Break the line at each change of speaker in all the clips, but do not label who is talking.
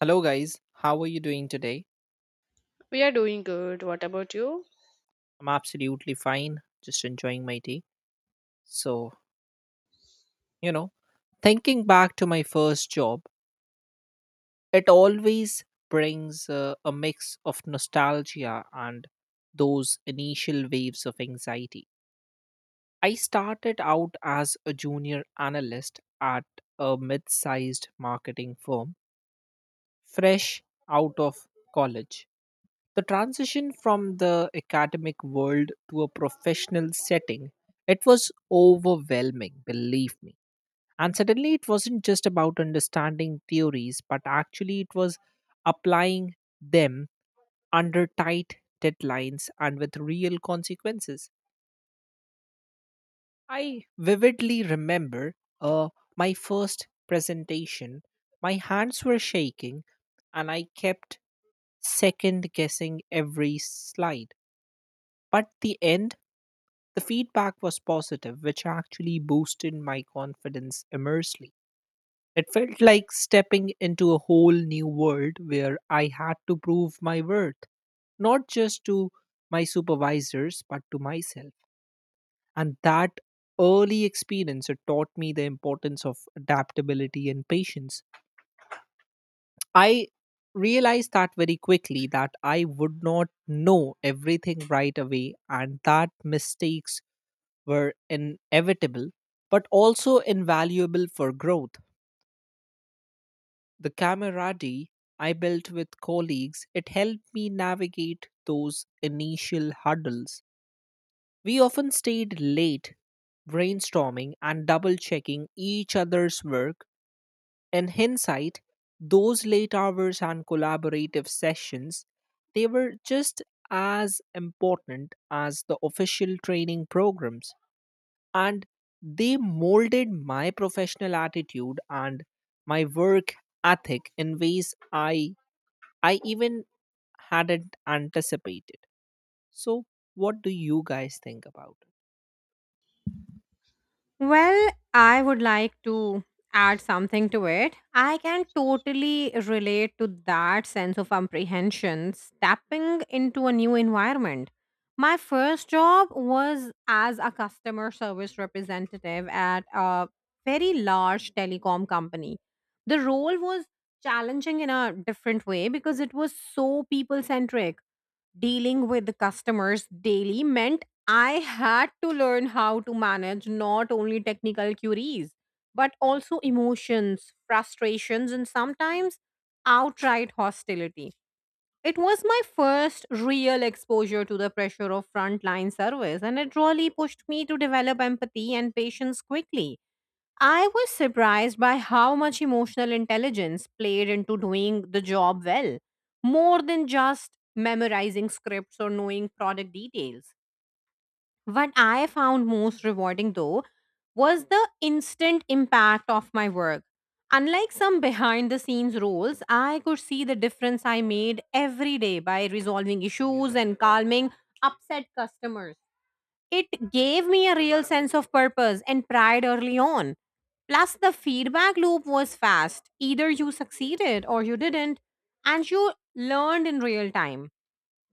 Hello, guys. How are you doing today?
We are doing good. What about you?
I'm absolutely fine, just enjoying my tea. So, you know, thinking back to my first job, it always brings a mix of nostalgia and those initial waves of anxiety. I started out as a junior analyst at a mid sized marketing firm, fresh out of college. The transition from the academic world to a professional setting, it was overwhelming, believe me. And suddenly it wasn't just about understanding theories, but actually it was applying them under tight deadlines and with real consequences. I vividly remember uh, my first presentation. My hands were shaking and I kept second guessing every slide. But the end The feedback was positive, which actually boosted my confidence immensely. It felt like stepping into a whole new world where I had to prove my worth, not just to my supervisors, but to myself. And that early experience it taught me the importance of adaptability and patience. I realized that very quickly that I would not know everything right away and that mistakes were inevitable but also invaluable for growth. The camaraderie I built with colleagues, it helped me navigate those initial hurdles. We often stayed late brainstorming and double checking each other's work. In hindsight, those late hours and collaborative sessions, they were just as important as the official training programs. And they molded my professional attitude and my work ethic in ways i I even hadn't anticipated. So what do you guys think about it?
Well, I would like to add something to it. I can totally relate to that sense of apprehension stepping into a new environment. My first job was as a customer service representative at a very large telecom company. The role was challenging in a different way because it was so people centric dealing with the customers daily meant I had to learn how to manage not only technical queries, but also emotions, frustrations, and sometimes outright hostility. It was my first real exposure to the pressure of frontline service, and it really pushed me to develop empathy and patience quickly. I was surprised by how much emotional intelligence played into doing the job well, more than just memorizing scripts or knowing product details. What I found most rewarding, though, was the instant impact of my work. Unlike some behind the scenes roles, I could see the difference I made every day by resolving issues and calming upset customers. It gave me a real sense of purpose and pride early on. Plus, the feedback loop was fast. Either you succeeded or you didn't, and you learned in real time.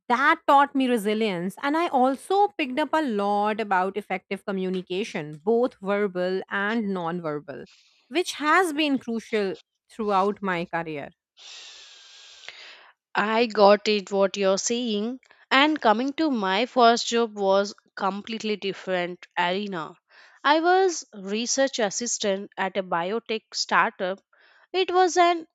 That taught me resilience, and I also picked up a lot about effective communication, both verbal and nonverbal, which has been crucial throughout my career.
I got it what you're saying. And coming to my first job was completely different arena. I was research assistant at a biotech startup. It was an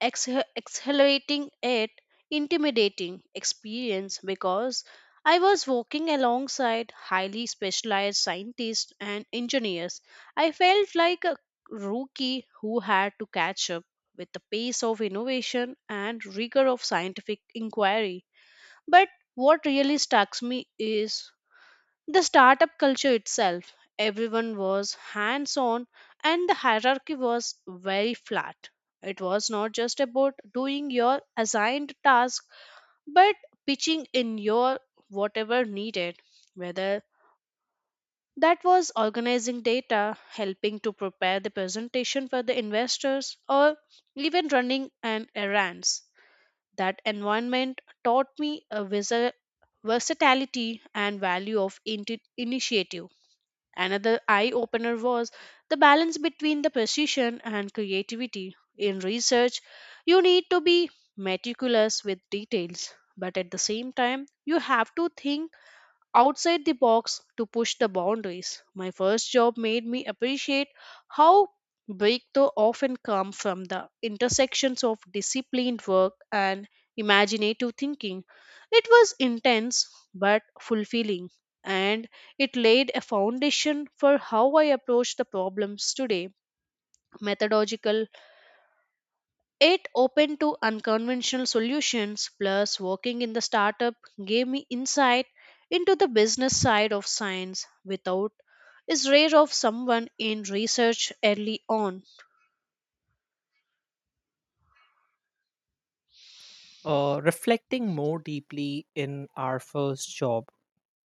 ex- accelerating it intimidating experience because I was walking alongside highly specialized scientists and engineers. I felt like a rookie who had to catch up with the pace of innovation and rigor of scientific inquiry. But what really strikes me is the startup culture itself, everyone was hands on and the hierarchy was very flat. It was not just about doing your assigned task but pitching in your whatever needed, whether that was organizing data, helping to prepare the presentation for the investors, or even running an errands. That environment taught me a versatility and value of initiative. Another eye opener was the balance between the precision and creativity. In research, you need to be meticulous with details, but at the same time, you have to think outside the box to push the boundaries. My first job made me appreciate how breakthrough often come from the intersections of disciplined work and imaginative thinking. It was intense but fulfilling and it laid a foundation for how I approach the problems today. Methodological it open to unconventional solutions plus working in the startup gave me insight into the business side of science without is rare of someone in research early on.
Reflecting more deeply in our first job,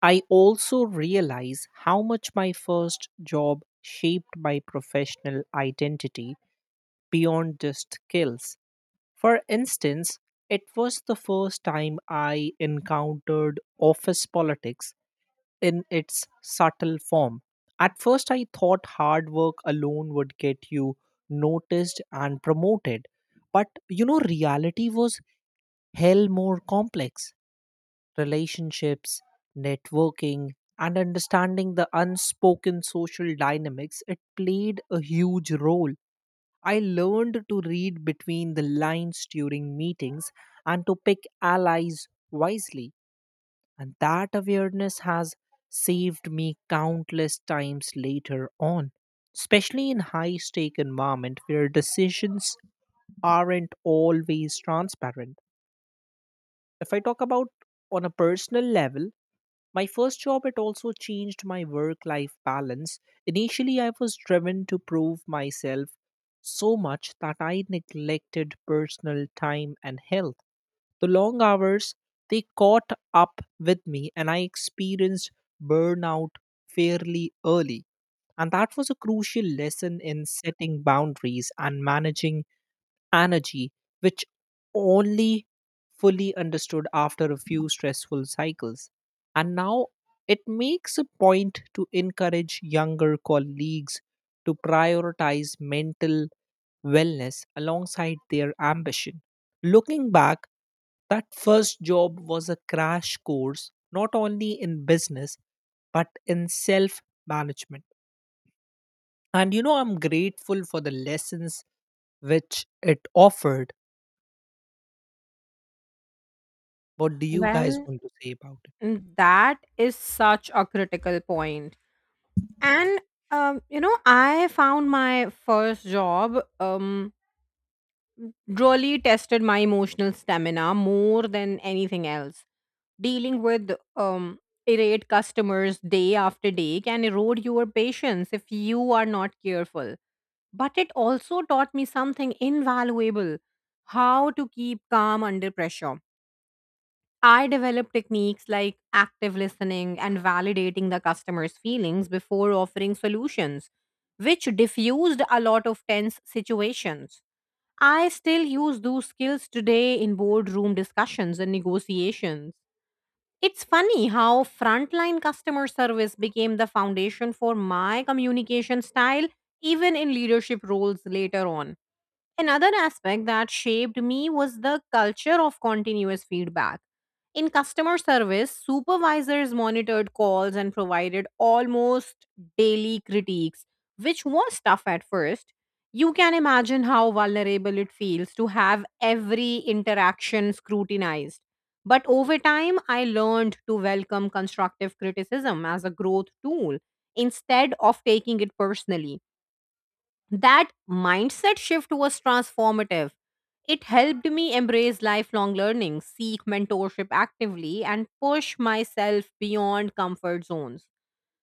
I also realize how much my first job shaped my professional identity beyond just skills. For instance, it was the first time I encountered office politics in its subtle form. At first, I thought hard work alone would get you noticed and promoted. But you know, reality was hell more complex. Relationships, networking, and understanding the unspoken social dynamics, it played a huge role. I learned to read between the lines during meetings and to pick allies wisely, and that awareness has saved me countless times later on, especially in high stake environment where decisions aren't always transparent. If I talk about on a personal level, my first job, it also changed my work life balance. Initially, I was driven to prove myself so much that I neglected personal time and health. The long hours, they caught up with me, and I experienced burnout fairly early. And that was a crucial lesson in setting boundaries and managing energy which only fully understood after a few stressful cycles. And now it makes a point to encourage younger colleagues to prioritize mental wellness alongside their ambition. Looking back, that first job was a crash course not only in business but in self management. And you know, I'm grateful for the lessons which it offered. What do you guys
Well,
want to say about it?
that is such a critical point. And I found my first job really tested my emotional stamina more than anything else. Dealing with irate customers day after day can erode your patience if you are not careful. But it also taught me something invaluable, how to keep calm under pressure. I developed techniques like active listening and validating the customer's feelings before offering solutions, which diffused a lot of tense situations. I still use those skills today in boardroom discussions and negotiations. It's funny how frontline customer service became the foundation for my communication style, even in leadership roles later on. Another aspect that shaped me was the culture of continuous feedback. In customer service, supervisors monitored calls and provided almost daily critiques, which was tough at first. You can imagine how vulnerable it feels to have every interaction scrutinized. But over time, I learned to welcome constructive criticism as a growth tool instead of taking it personally. That mindset shift was transformative. It helped me embrace lifelong learning, seek mentorship actively, and push myself beyond comfort zones.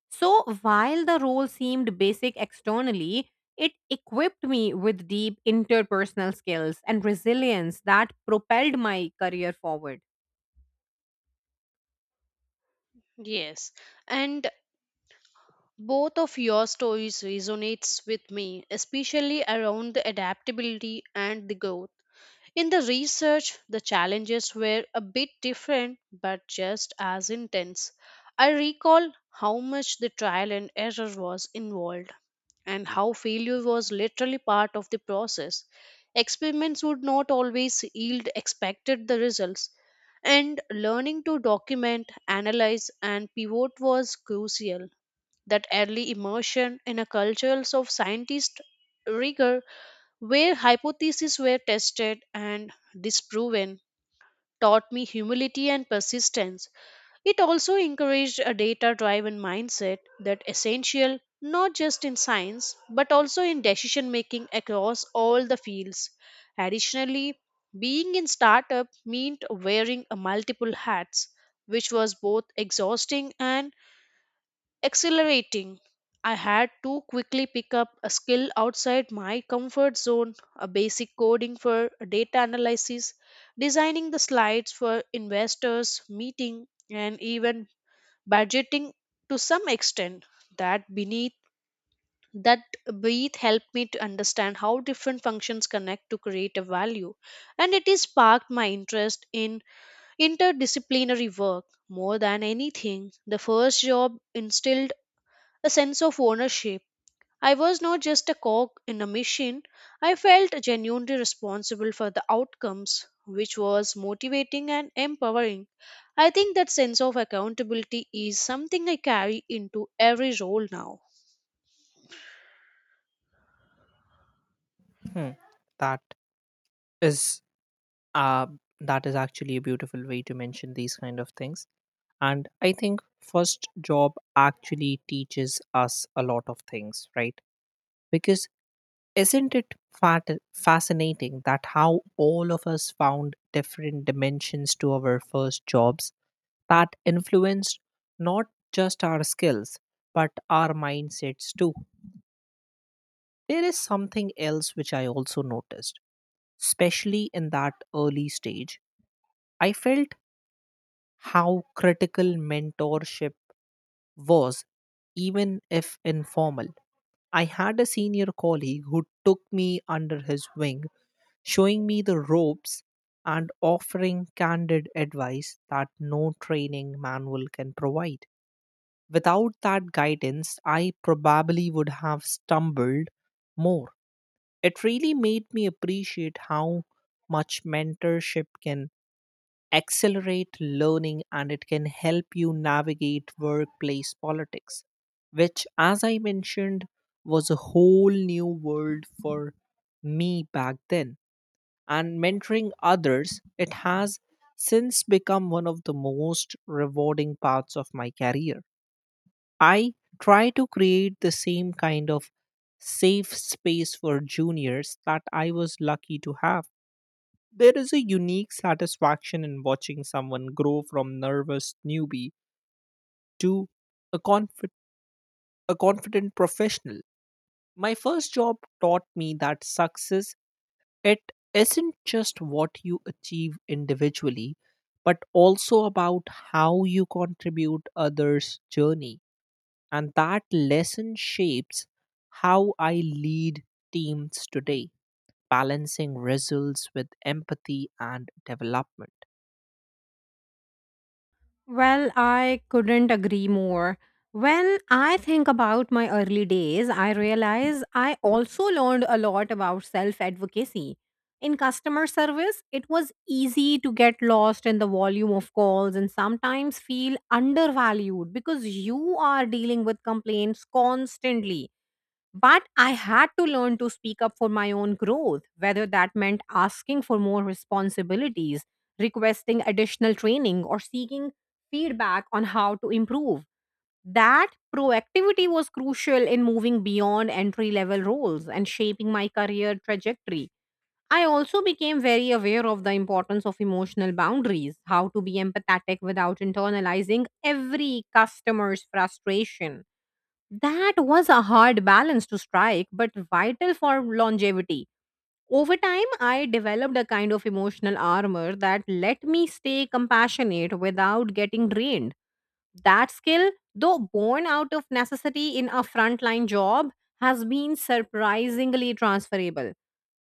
So, while the role seemed basic externally, it equipped me with deep interpersonal skills and resilience that propelled my career forward.
Yes, and both of your stories resonates with me, especially around the adaptability and the growth. In the research, the challenges were a bit different but just as intense. I recall how much the trial and error was involved and how failure was literally part of the process. Experiments would not always yield expected the results and learning to document, analyze and pivot was crucial. That early immersion in a culture of scientist rigor where hypotheses were tested and disproven, taught me humility and persistence. It also encouraged a data driven mindset that essential not just in science but also in decision making across all the fields. Additionally, being in startup meant wearing a multiple hats, which was both exhausting and accelerating. I had to quickly pick up a skill outside my comfort zone, a basic coding for data analysis, designing the slides for investors, meeting, and even budgeting to some extent. That beneath that breath helped me to understand how different functions connect to create a value and it has sparked my interest in interdisciplinary work. More than anything the first job instilled a sense of ownership. I was not just a cog in a machine, I felt genuinely responsible for the outcomes, which was motivating and empowering. I think that sense of accountability is something I carry into every role now.
Hmm. That is uh, that is actually a beautiful way to mention these kind of things. And I think first job actually teaches us a lot of things, right? Because isn't it fascinating that how all of us found different dimensions to our first jobs that influenced not just our skills but our mindsets too? There is something else which I also noticed especially in that early stage. I felt how critical mentorship was, even if informal. I had a senior colleague who took me under his wing, showing me the ropes and offering candid advice that no training manual can provide. Without that guidance, I probably would have stumbled more. It really made me appreciate how much mentorship can accelerate learning and it can help you navigate workplace politics, which, as I mentioned, was a whole new world for me back then. And mentoring others, it has since become one of the most rewarding parts of my career. I try to create the same kind of safe space for juniors that I was lucky to have. There is a unique satisfaction in watching someone grow from nervous newbie to a, confi- a confident professional. My first job taught me that success it isn't just what you achieve individually but also about how you contribute others journey and that lesson shapes how I lead teams today balancing results with empathy and development.
Well, I couldn't agree more. When I think about my early days, I realize I also learned a lot about self advocacy. In customer service, it was easy to get lost in the volume of calls and sometimes feel undervalued because you are dealing with complaints constantly. But I had to learn to speak up for my own growth, whether that meant asking for more responsibilities, requesting additional training, or seeking feedback on how to improve. That proactivity was crucial in moving beyond entry level roles and shaping my career trajectory. I also became very aware of the importance of emotional boundaries, how to be empathetic without internalizing every customer's frustration. That was a hard balance to strike, but vital for longevity. Over time, I developed a kind of emotional armor that let me stay compassionate without getting drained. That skill, though born out of necessity in a frontline job, has been surprisingly transferable.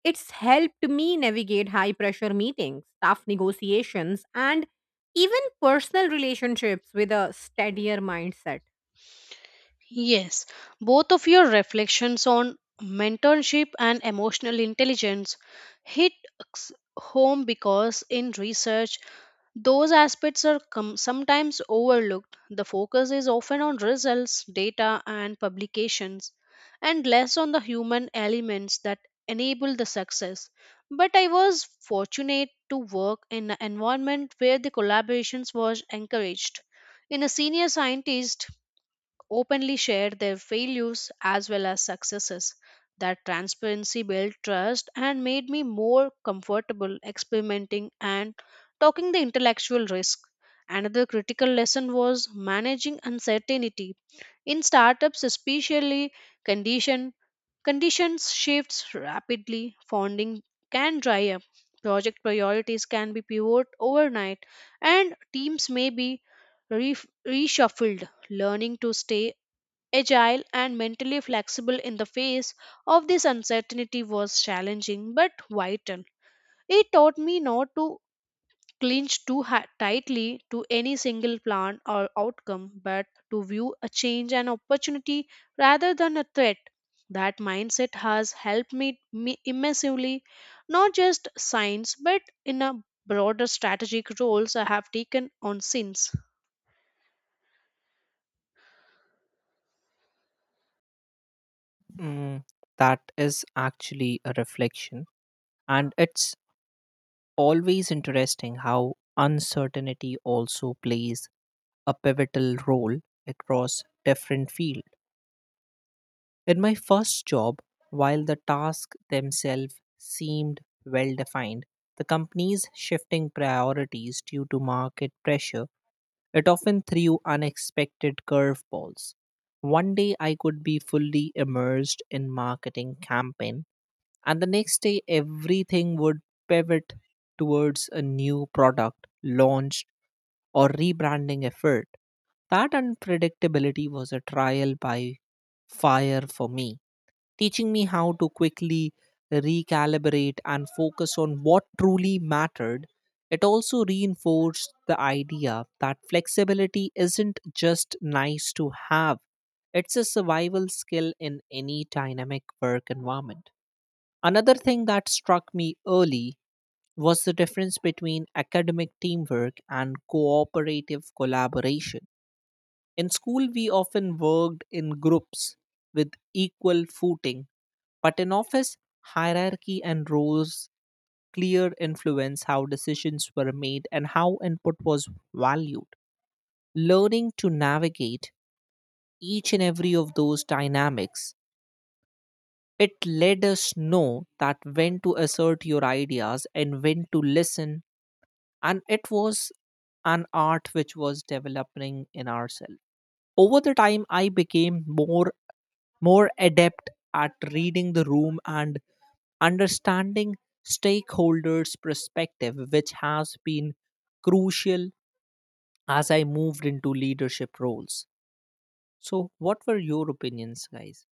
It's helped me navigate high pressure meetings, tough negotiations, and even personal relationships with a steadier mindset.
Yes, both of your reflections on mentorship and emotional intelligence hit s- home because in research those aspects are sometimes overlooked. The focus is often on results, data, and publications, and less on the human elements that enable the success. But I was fortunate to work in an environment where the collaborations was encouraged. In a senior scientist openly share their failures as well as successes. That transparency built trust and made me more comfortable experimenting and talking the intellectual risk. Another critical lesson was managing uncertainty. In startups, especially condition conditions shifts rapidly, funding can dry up, project priorities can be pivoted overnight, and teams may be re- reshuffled. Learning to stay agile and mentally flexible in the face of this uncertainty was challenging but vital. It taught me not to tightly to any single plan or outcome, but to view a change an opportunity rather than a threat. That mindset has helped me immensely, not just science, but in a broader strategic roles I have taken on since.
Mm, that is actually a reflection. And it's always interesting how uncertainty also plays a pivotal role across different fields. In my first job, while the tasks themselves seemed well defined, the company's shifting priorities due to market pressure, it often threw unexpected curveballs. One day I could be fully immersed in marketing campaign. And the next day, everything would pivot towards a new product, launch, or rebranding effort. That unpredictability was a trial by fire for me, teaching me how to quickly recalibrate and focus on what truly mattered. It also reinforced the idea that flexibility isn't just nice to have, it's a survival skill in any dynamic work environment. Another thing that struck me early was the difference between academic teamwork and cooperative collaboration. In school, we often worked in groups with equal footing, but in office, hierarchy and roles clear influence how decisions were made and how input was valued. Learning to navigate each and every of those dynamics it let us know that when to assert your ideas and when to listen, and it was an art which was developing in ourselves. Over the time I became more adept at reading the room and understanding stakeholders perspective, which has been crucial as I moved into leadership roles. So what were your opinions guys?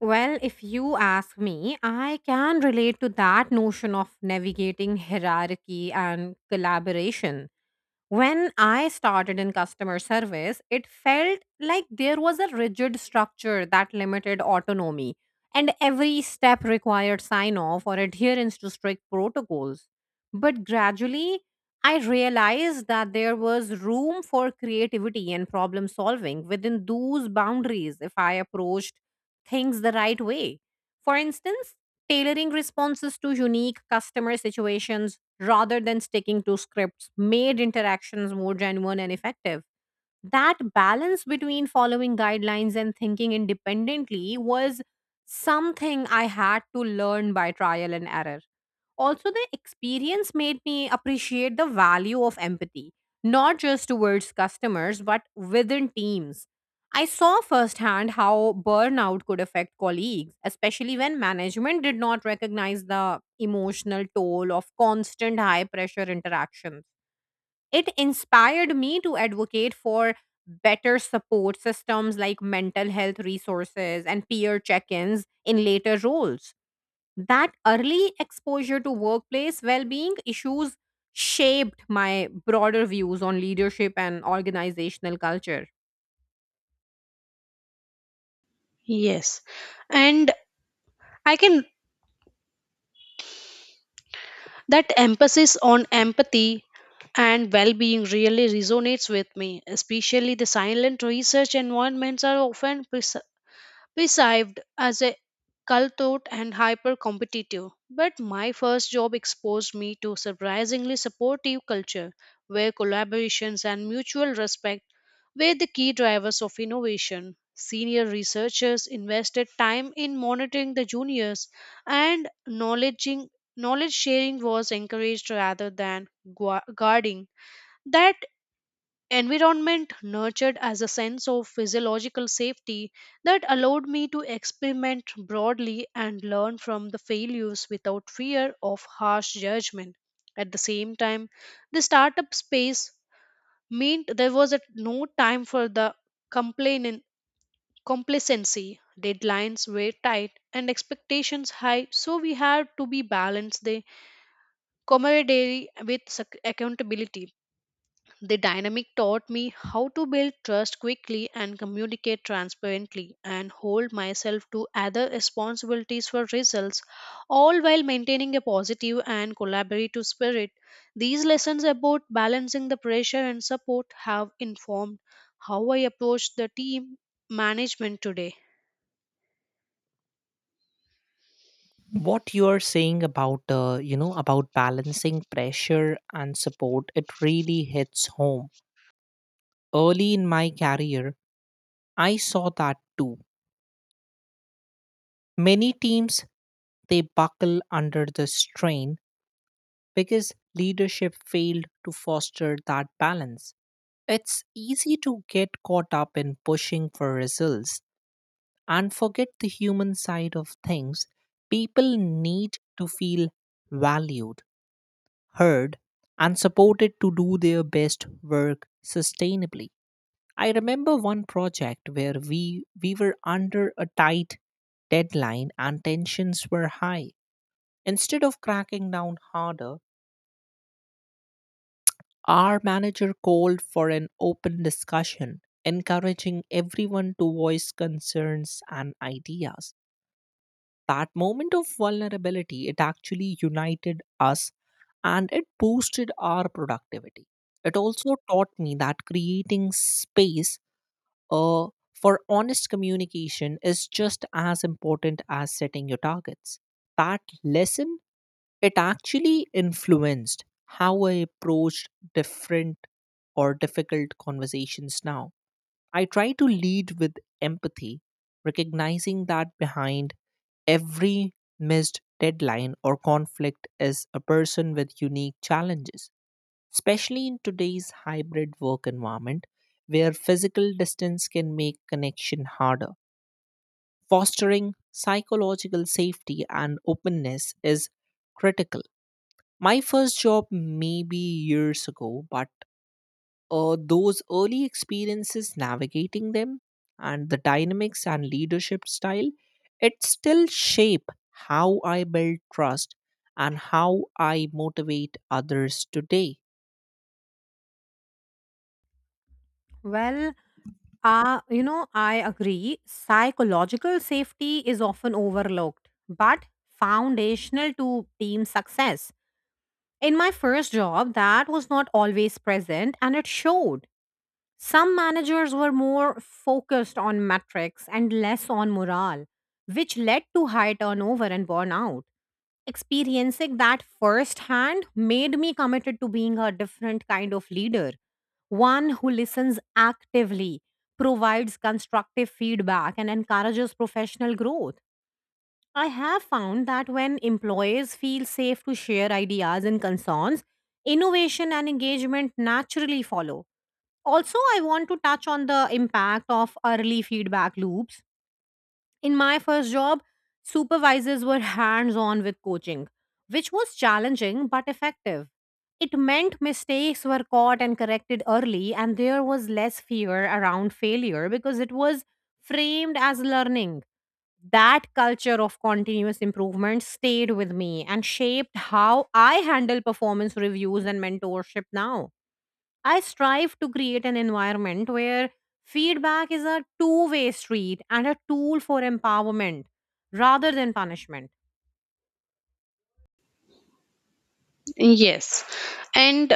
Well, if you ask me, I can relate to that notion of navigating hierarchy and collaboration. When I started in customer service, it felt like there was a rigid structure that limited autonomy, and every step required sign off or adherence to strict protocols. But gradually, I realized that there was room for creativity and problem solving within those boundaries if I approached things the right way. For instance, tailoring responses to unique customer situations rather than sticking to scripts made interactions more genuine and effective. That balance between following guidelines and thinking independently was something I had to learn by trial and error. Also, the experience made me appreciate the value of empathy, not just towards customers, but within teams. I saw firsthand how burnout could affect colleagues, especially when management did not recognize the emotional toll of constant high pressure interactions. It inspired me to advocate for better support systems like mental health resources and peer check ins in later roles that early exposure to workplace well-being issues shaped my broader views on leadership and organizational culture.
Yes, and I can. That emphasis on empathy and well being really resonates with me, especially the silent research environments are often we served as a cutthroat and hyper competitive, but my first job exposed me to surprisingly supportive culture where collaborations and mutual respect were the key drivers of innovation. Senior researchers invested time in monitoring the juniors and knowledge sharing was encouraged rather than guarding. That environment nurtured as a sense of physiological safety that allowed me to experiment broadly and learn from the failures without fear of harsh judgment. At the same time, the startup space meant there was at no time for the complaining complacency. Deadlines were tight and expectations high, so we had to be balanced the camaraderie with accountability. The dynamic taught me how to build trust quickly and communicate transparently and hold myself to other responsibilities for results, all while maintaining a positive and collaborative spirit. These lessons about balancing the pressure and support have informed how I approach the team management today.
What you are saying about you know about balancing pressure and support, it really hits home. Early in my career I saw that too. Many teams they buckle under the strain because leadership failed to foster that balance. It's easy to get caught up in pushing for results and forget the human side of things. People need to feel valued, heard, and supported to do their best work sustainably. I remember one project where we were under a tight deadline and tensions were high. Instead of cracking down harder, our manager called for an open discussion, encouraging everyone to voice concerns and ideas. That moment of vulnerability it actually united us and it boosted our productivity. It also taught me that creating space uh, for honest communication is just as important as setting your targets. That lesson, it actually influenced how I approached different or difficult conversations now. I try to lead with empathy, recognizing that behind every missed deadline or conflict is a person with unique challenges especially in today's hybrid work environment where physical distance can make connection harder. Fostering psychological safety and openness is critical. My first job may be years ago, but those early experiences navigating them and the dynamics and leadership style, it still shape how I build trust and how I motivate others today.
Well, I agree, psychological safety is often overlooked but foundational to team success. In my first job, that was not always present, and it showed. Some managers were more focused on metrics and less on morale, which led to high turnover and burnout. Experiencing that firsthand made me committed to being a different kind of leader, one who listens actively, provides constructive feedback, and encourages professional growth. I have found that when employees feel safe to share ideas and concerns, innovation and engagement naturally follow. Also, I want to touch on the impact of early feedback loops. In my first job, supervisors were hands on with coaching, which was challenging but effective. It meant mistakes were caught and corrected early, and there was less fear around failure because it was framed as learning. That culture of continuous improvement stayed with me and shaped how I handle performance reviews and mentorship now. I strive to create an environment where feedback is a two-way street and a tool for empowerment rather than punishment.
Yes. And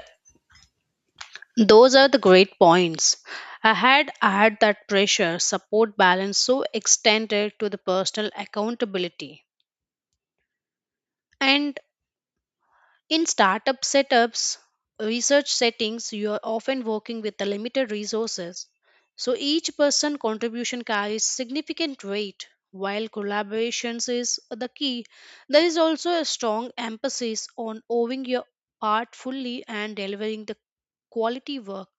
those are the great points. I had that pressure support balance so extended to the personal accountability. And in startup setups, research settings, you are often working with the limited resources. So each person contribution carries significant weight. While collaborations is the key, there is also a strong emphasis on owning your part fully and delivering the quality work.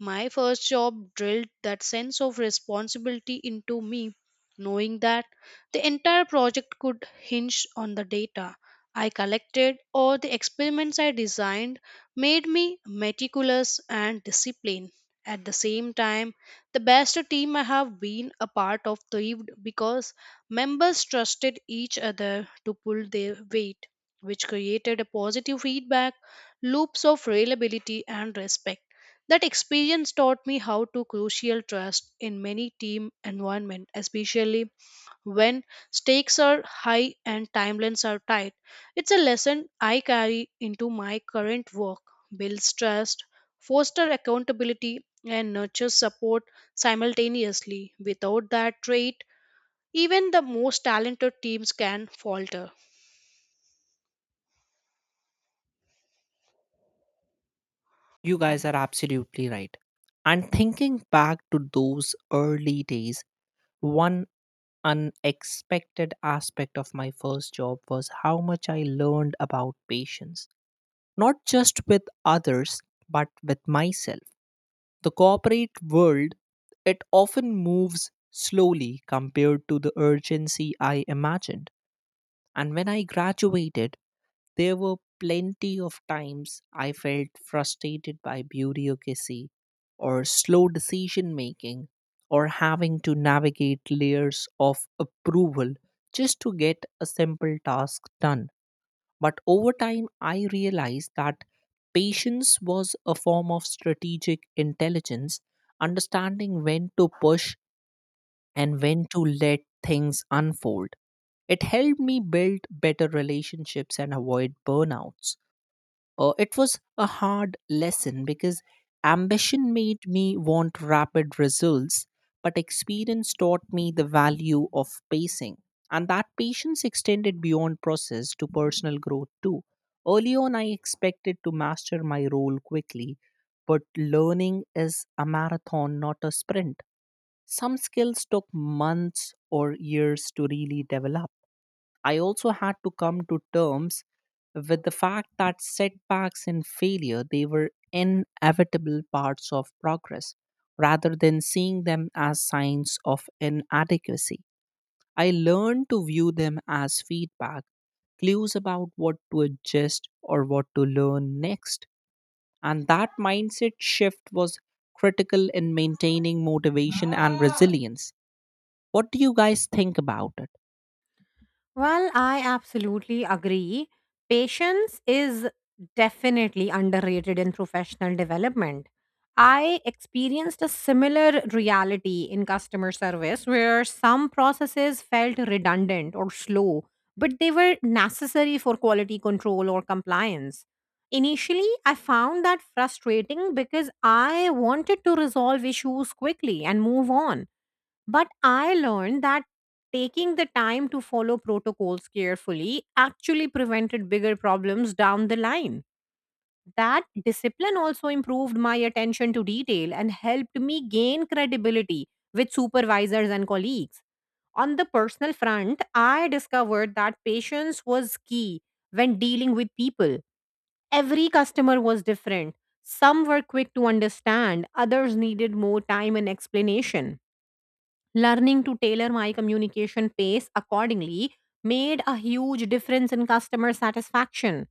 My first job drilled that sense of responsibility into me, knowing that the entire project could hinge on the data I collected or the experiments I designed made me meticulous and disciplined. At the same time, the best team I have been a part of thrived because members trusted each other to pull their weight, which created a positive feedback loops of reliability and respect. That experience taught me how to crucial trust in many team environment, especially when stakes are high and timelines are tight. It's a lesson I carry into my current work, builds trust, foster accountability, and nurtures support simultaneously. Without that trait, even the most talented teams can falter.
You guys are absolutely right. And thinking back to those early days, one unexpected aspect of my first job was how much I learned about patience, not just with others, but with myself. The corporate world, it often moves slowly compared to the urgency I imagined. And when I graduated, there were plenty of times I felt frustrated by bureaucracy or slow decision making or having to navigate layers of approval just to get a simple task done. But over time, I realized that patience was a form of strategic intelligence, understanding when to push and when to let things unfold. It helped me build better relationships and avoid burnouts. It was a hard lesson because ambition made me want rapid results, but experience taught me the value of pacing. And that patience extended beyond process to personal growth too. Early on, I expected to master my role quickly, but learning is a marathon, not a sprint. Some skills took months or years to really develop. I also had to come to terms with the fact that setbacks and failure they were inevitable parts of progress rather than seeing them as signs of inadequacy. I learned to view them as feedback, clues about what to adjust or what to learn next. And that mindset shift was critical in maintaining motivation and resilience. What do you guys think about it?
Well, I absolutely agree. Patience is definitely underrated in professional development. I experienced a similar reality in customer service where some processes felt redundant or slow, but they were necessary for quality control or compliance. Initially, I found that frustrating because I wanted to resolve issues quickly and move on. But I learned that taking the time to follow protocols carefully actually prevented bigger problems down the line. That discipline also improved my attention to detail and helped me gain credibility with supervisors and colleagues. On the personal front, I discovered that patience was key when dealing with people. Every customer was different. Some were quick to understand, others needed more time and explanation. Learning to tailor my communication pace accordingly made a huge difference in customer satisfaction.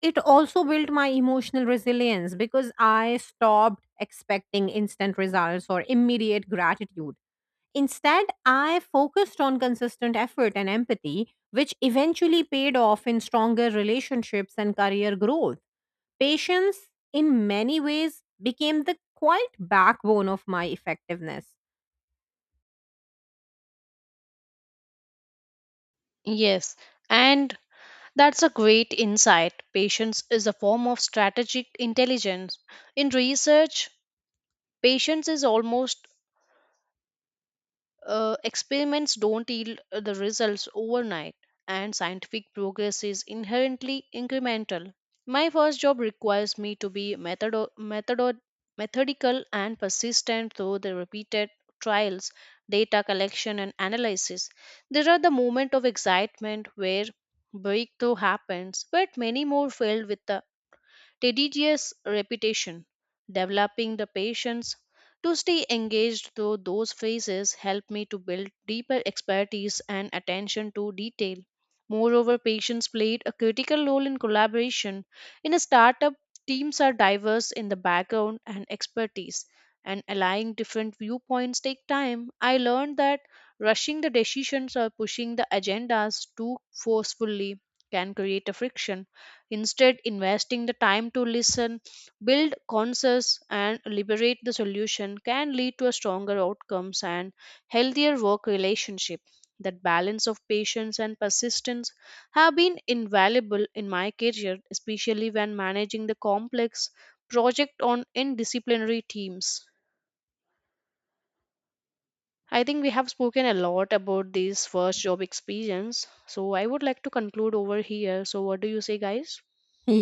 It also built my emotional resilience because I stopped expecting instant results or immediate gratitude. Instead, I focused on consistent effort and empathy, which eventually paid off in stronger relationships and career growth. Patience, in many ways, became the quiet backbone of my effectiveness.
Yes, and that's a great insight. Patience is a form of strategic intelligence. In research, patience is almost experiments don't yield the results overnight, and scientific progress is inherently incremental. My first job requires me to be methodical and persistent through the repeated trials, data collection, and analysis. There are the moments of excitement where breakthrough happens, but many more filled with the tedious repetition, developing the patience to stay engaged through those phases help me to build deeper expertise and attention to detail. Moreover, patients played a critical role in collaboration. In a startup, teams are diverse in the background and expertise, and aligning different viewpoints take time. I learned that rushing the decisions or pushing the agendas too forcefully can create a friction. Instead, investing the time to listen, build consensus, and liberate the solution can lead to a stronger outcomes and healthier work relationship. That balance of patience and persistence have been invaluable in my career, especially when managing the complex project on indisciplinary teams. I think we have spoken a lot about this first job experience. So I would like to conclude over here. So what do you say guys?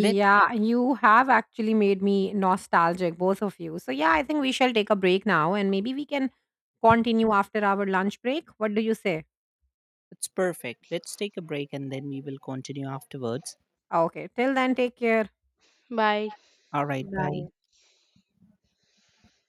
Let
you have actually made me nostalgic, both of you. So, yeah, I think we shall take a break now and maybe we can continue after our lunch break. What do you say?
It's perfect. Let's take a break and then we will continue afterwards.
Okay, till then, take care.
Bye.
All right, bye.
Bye.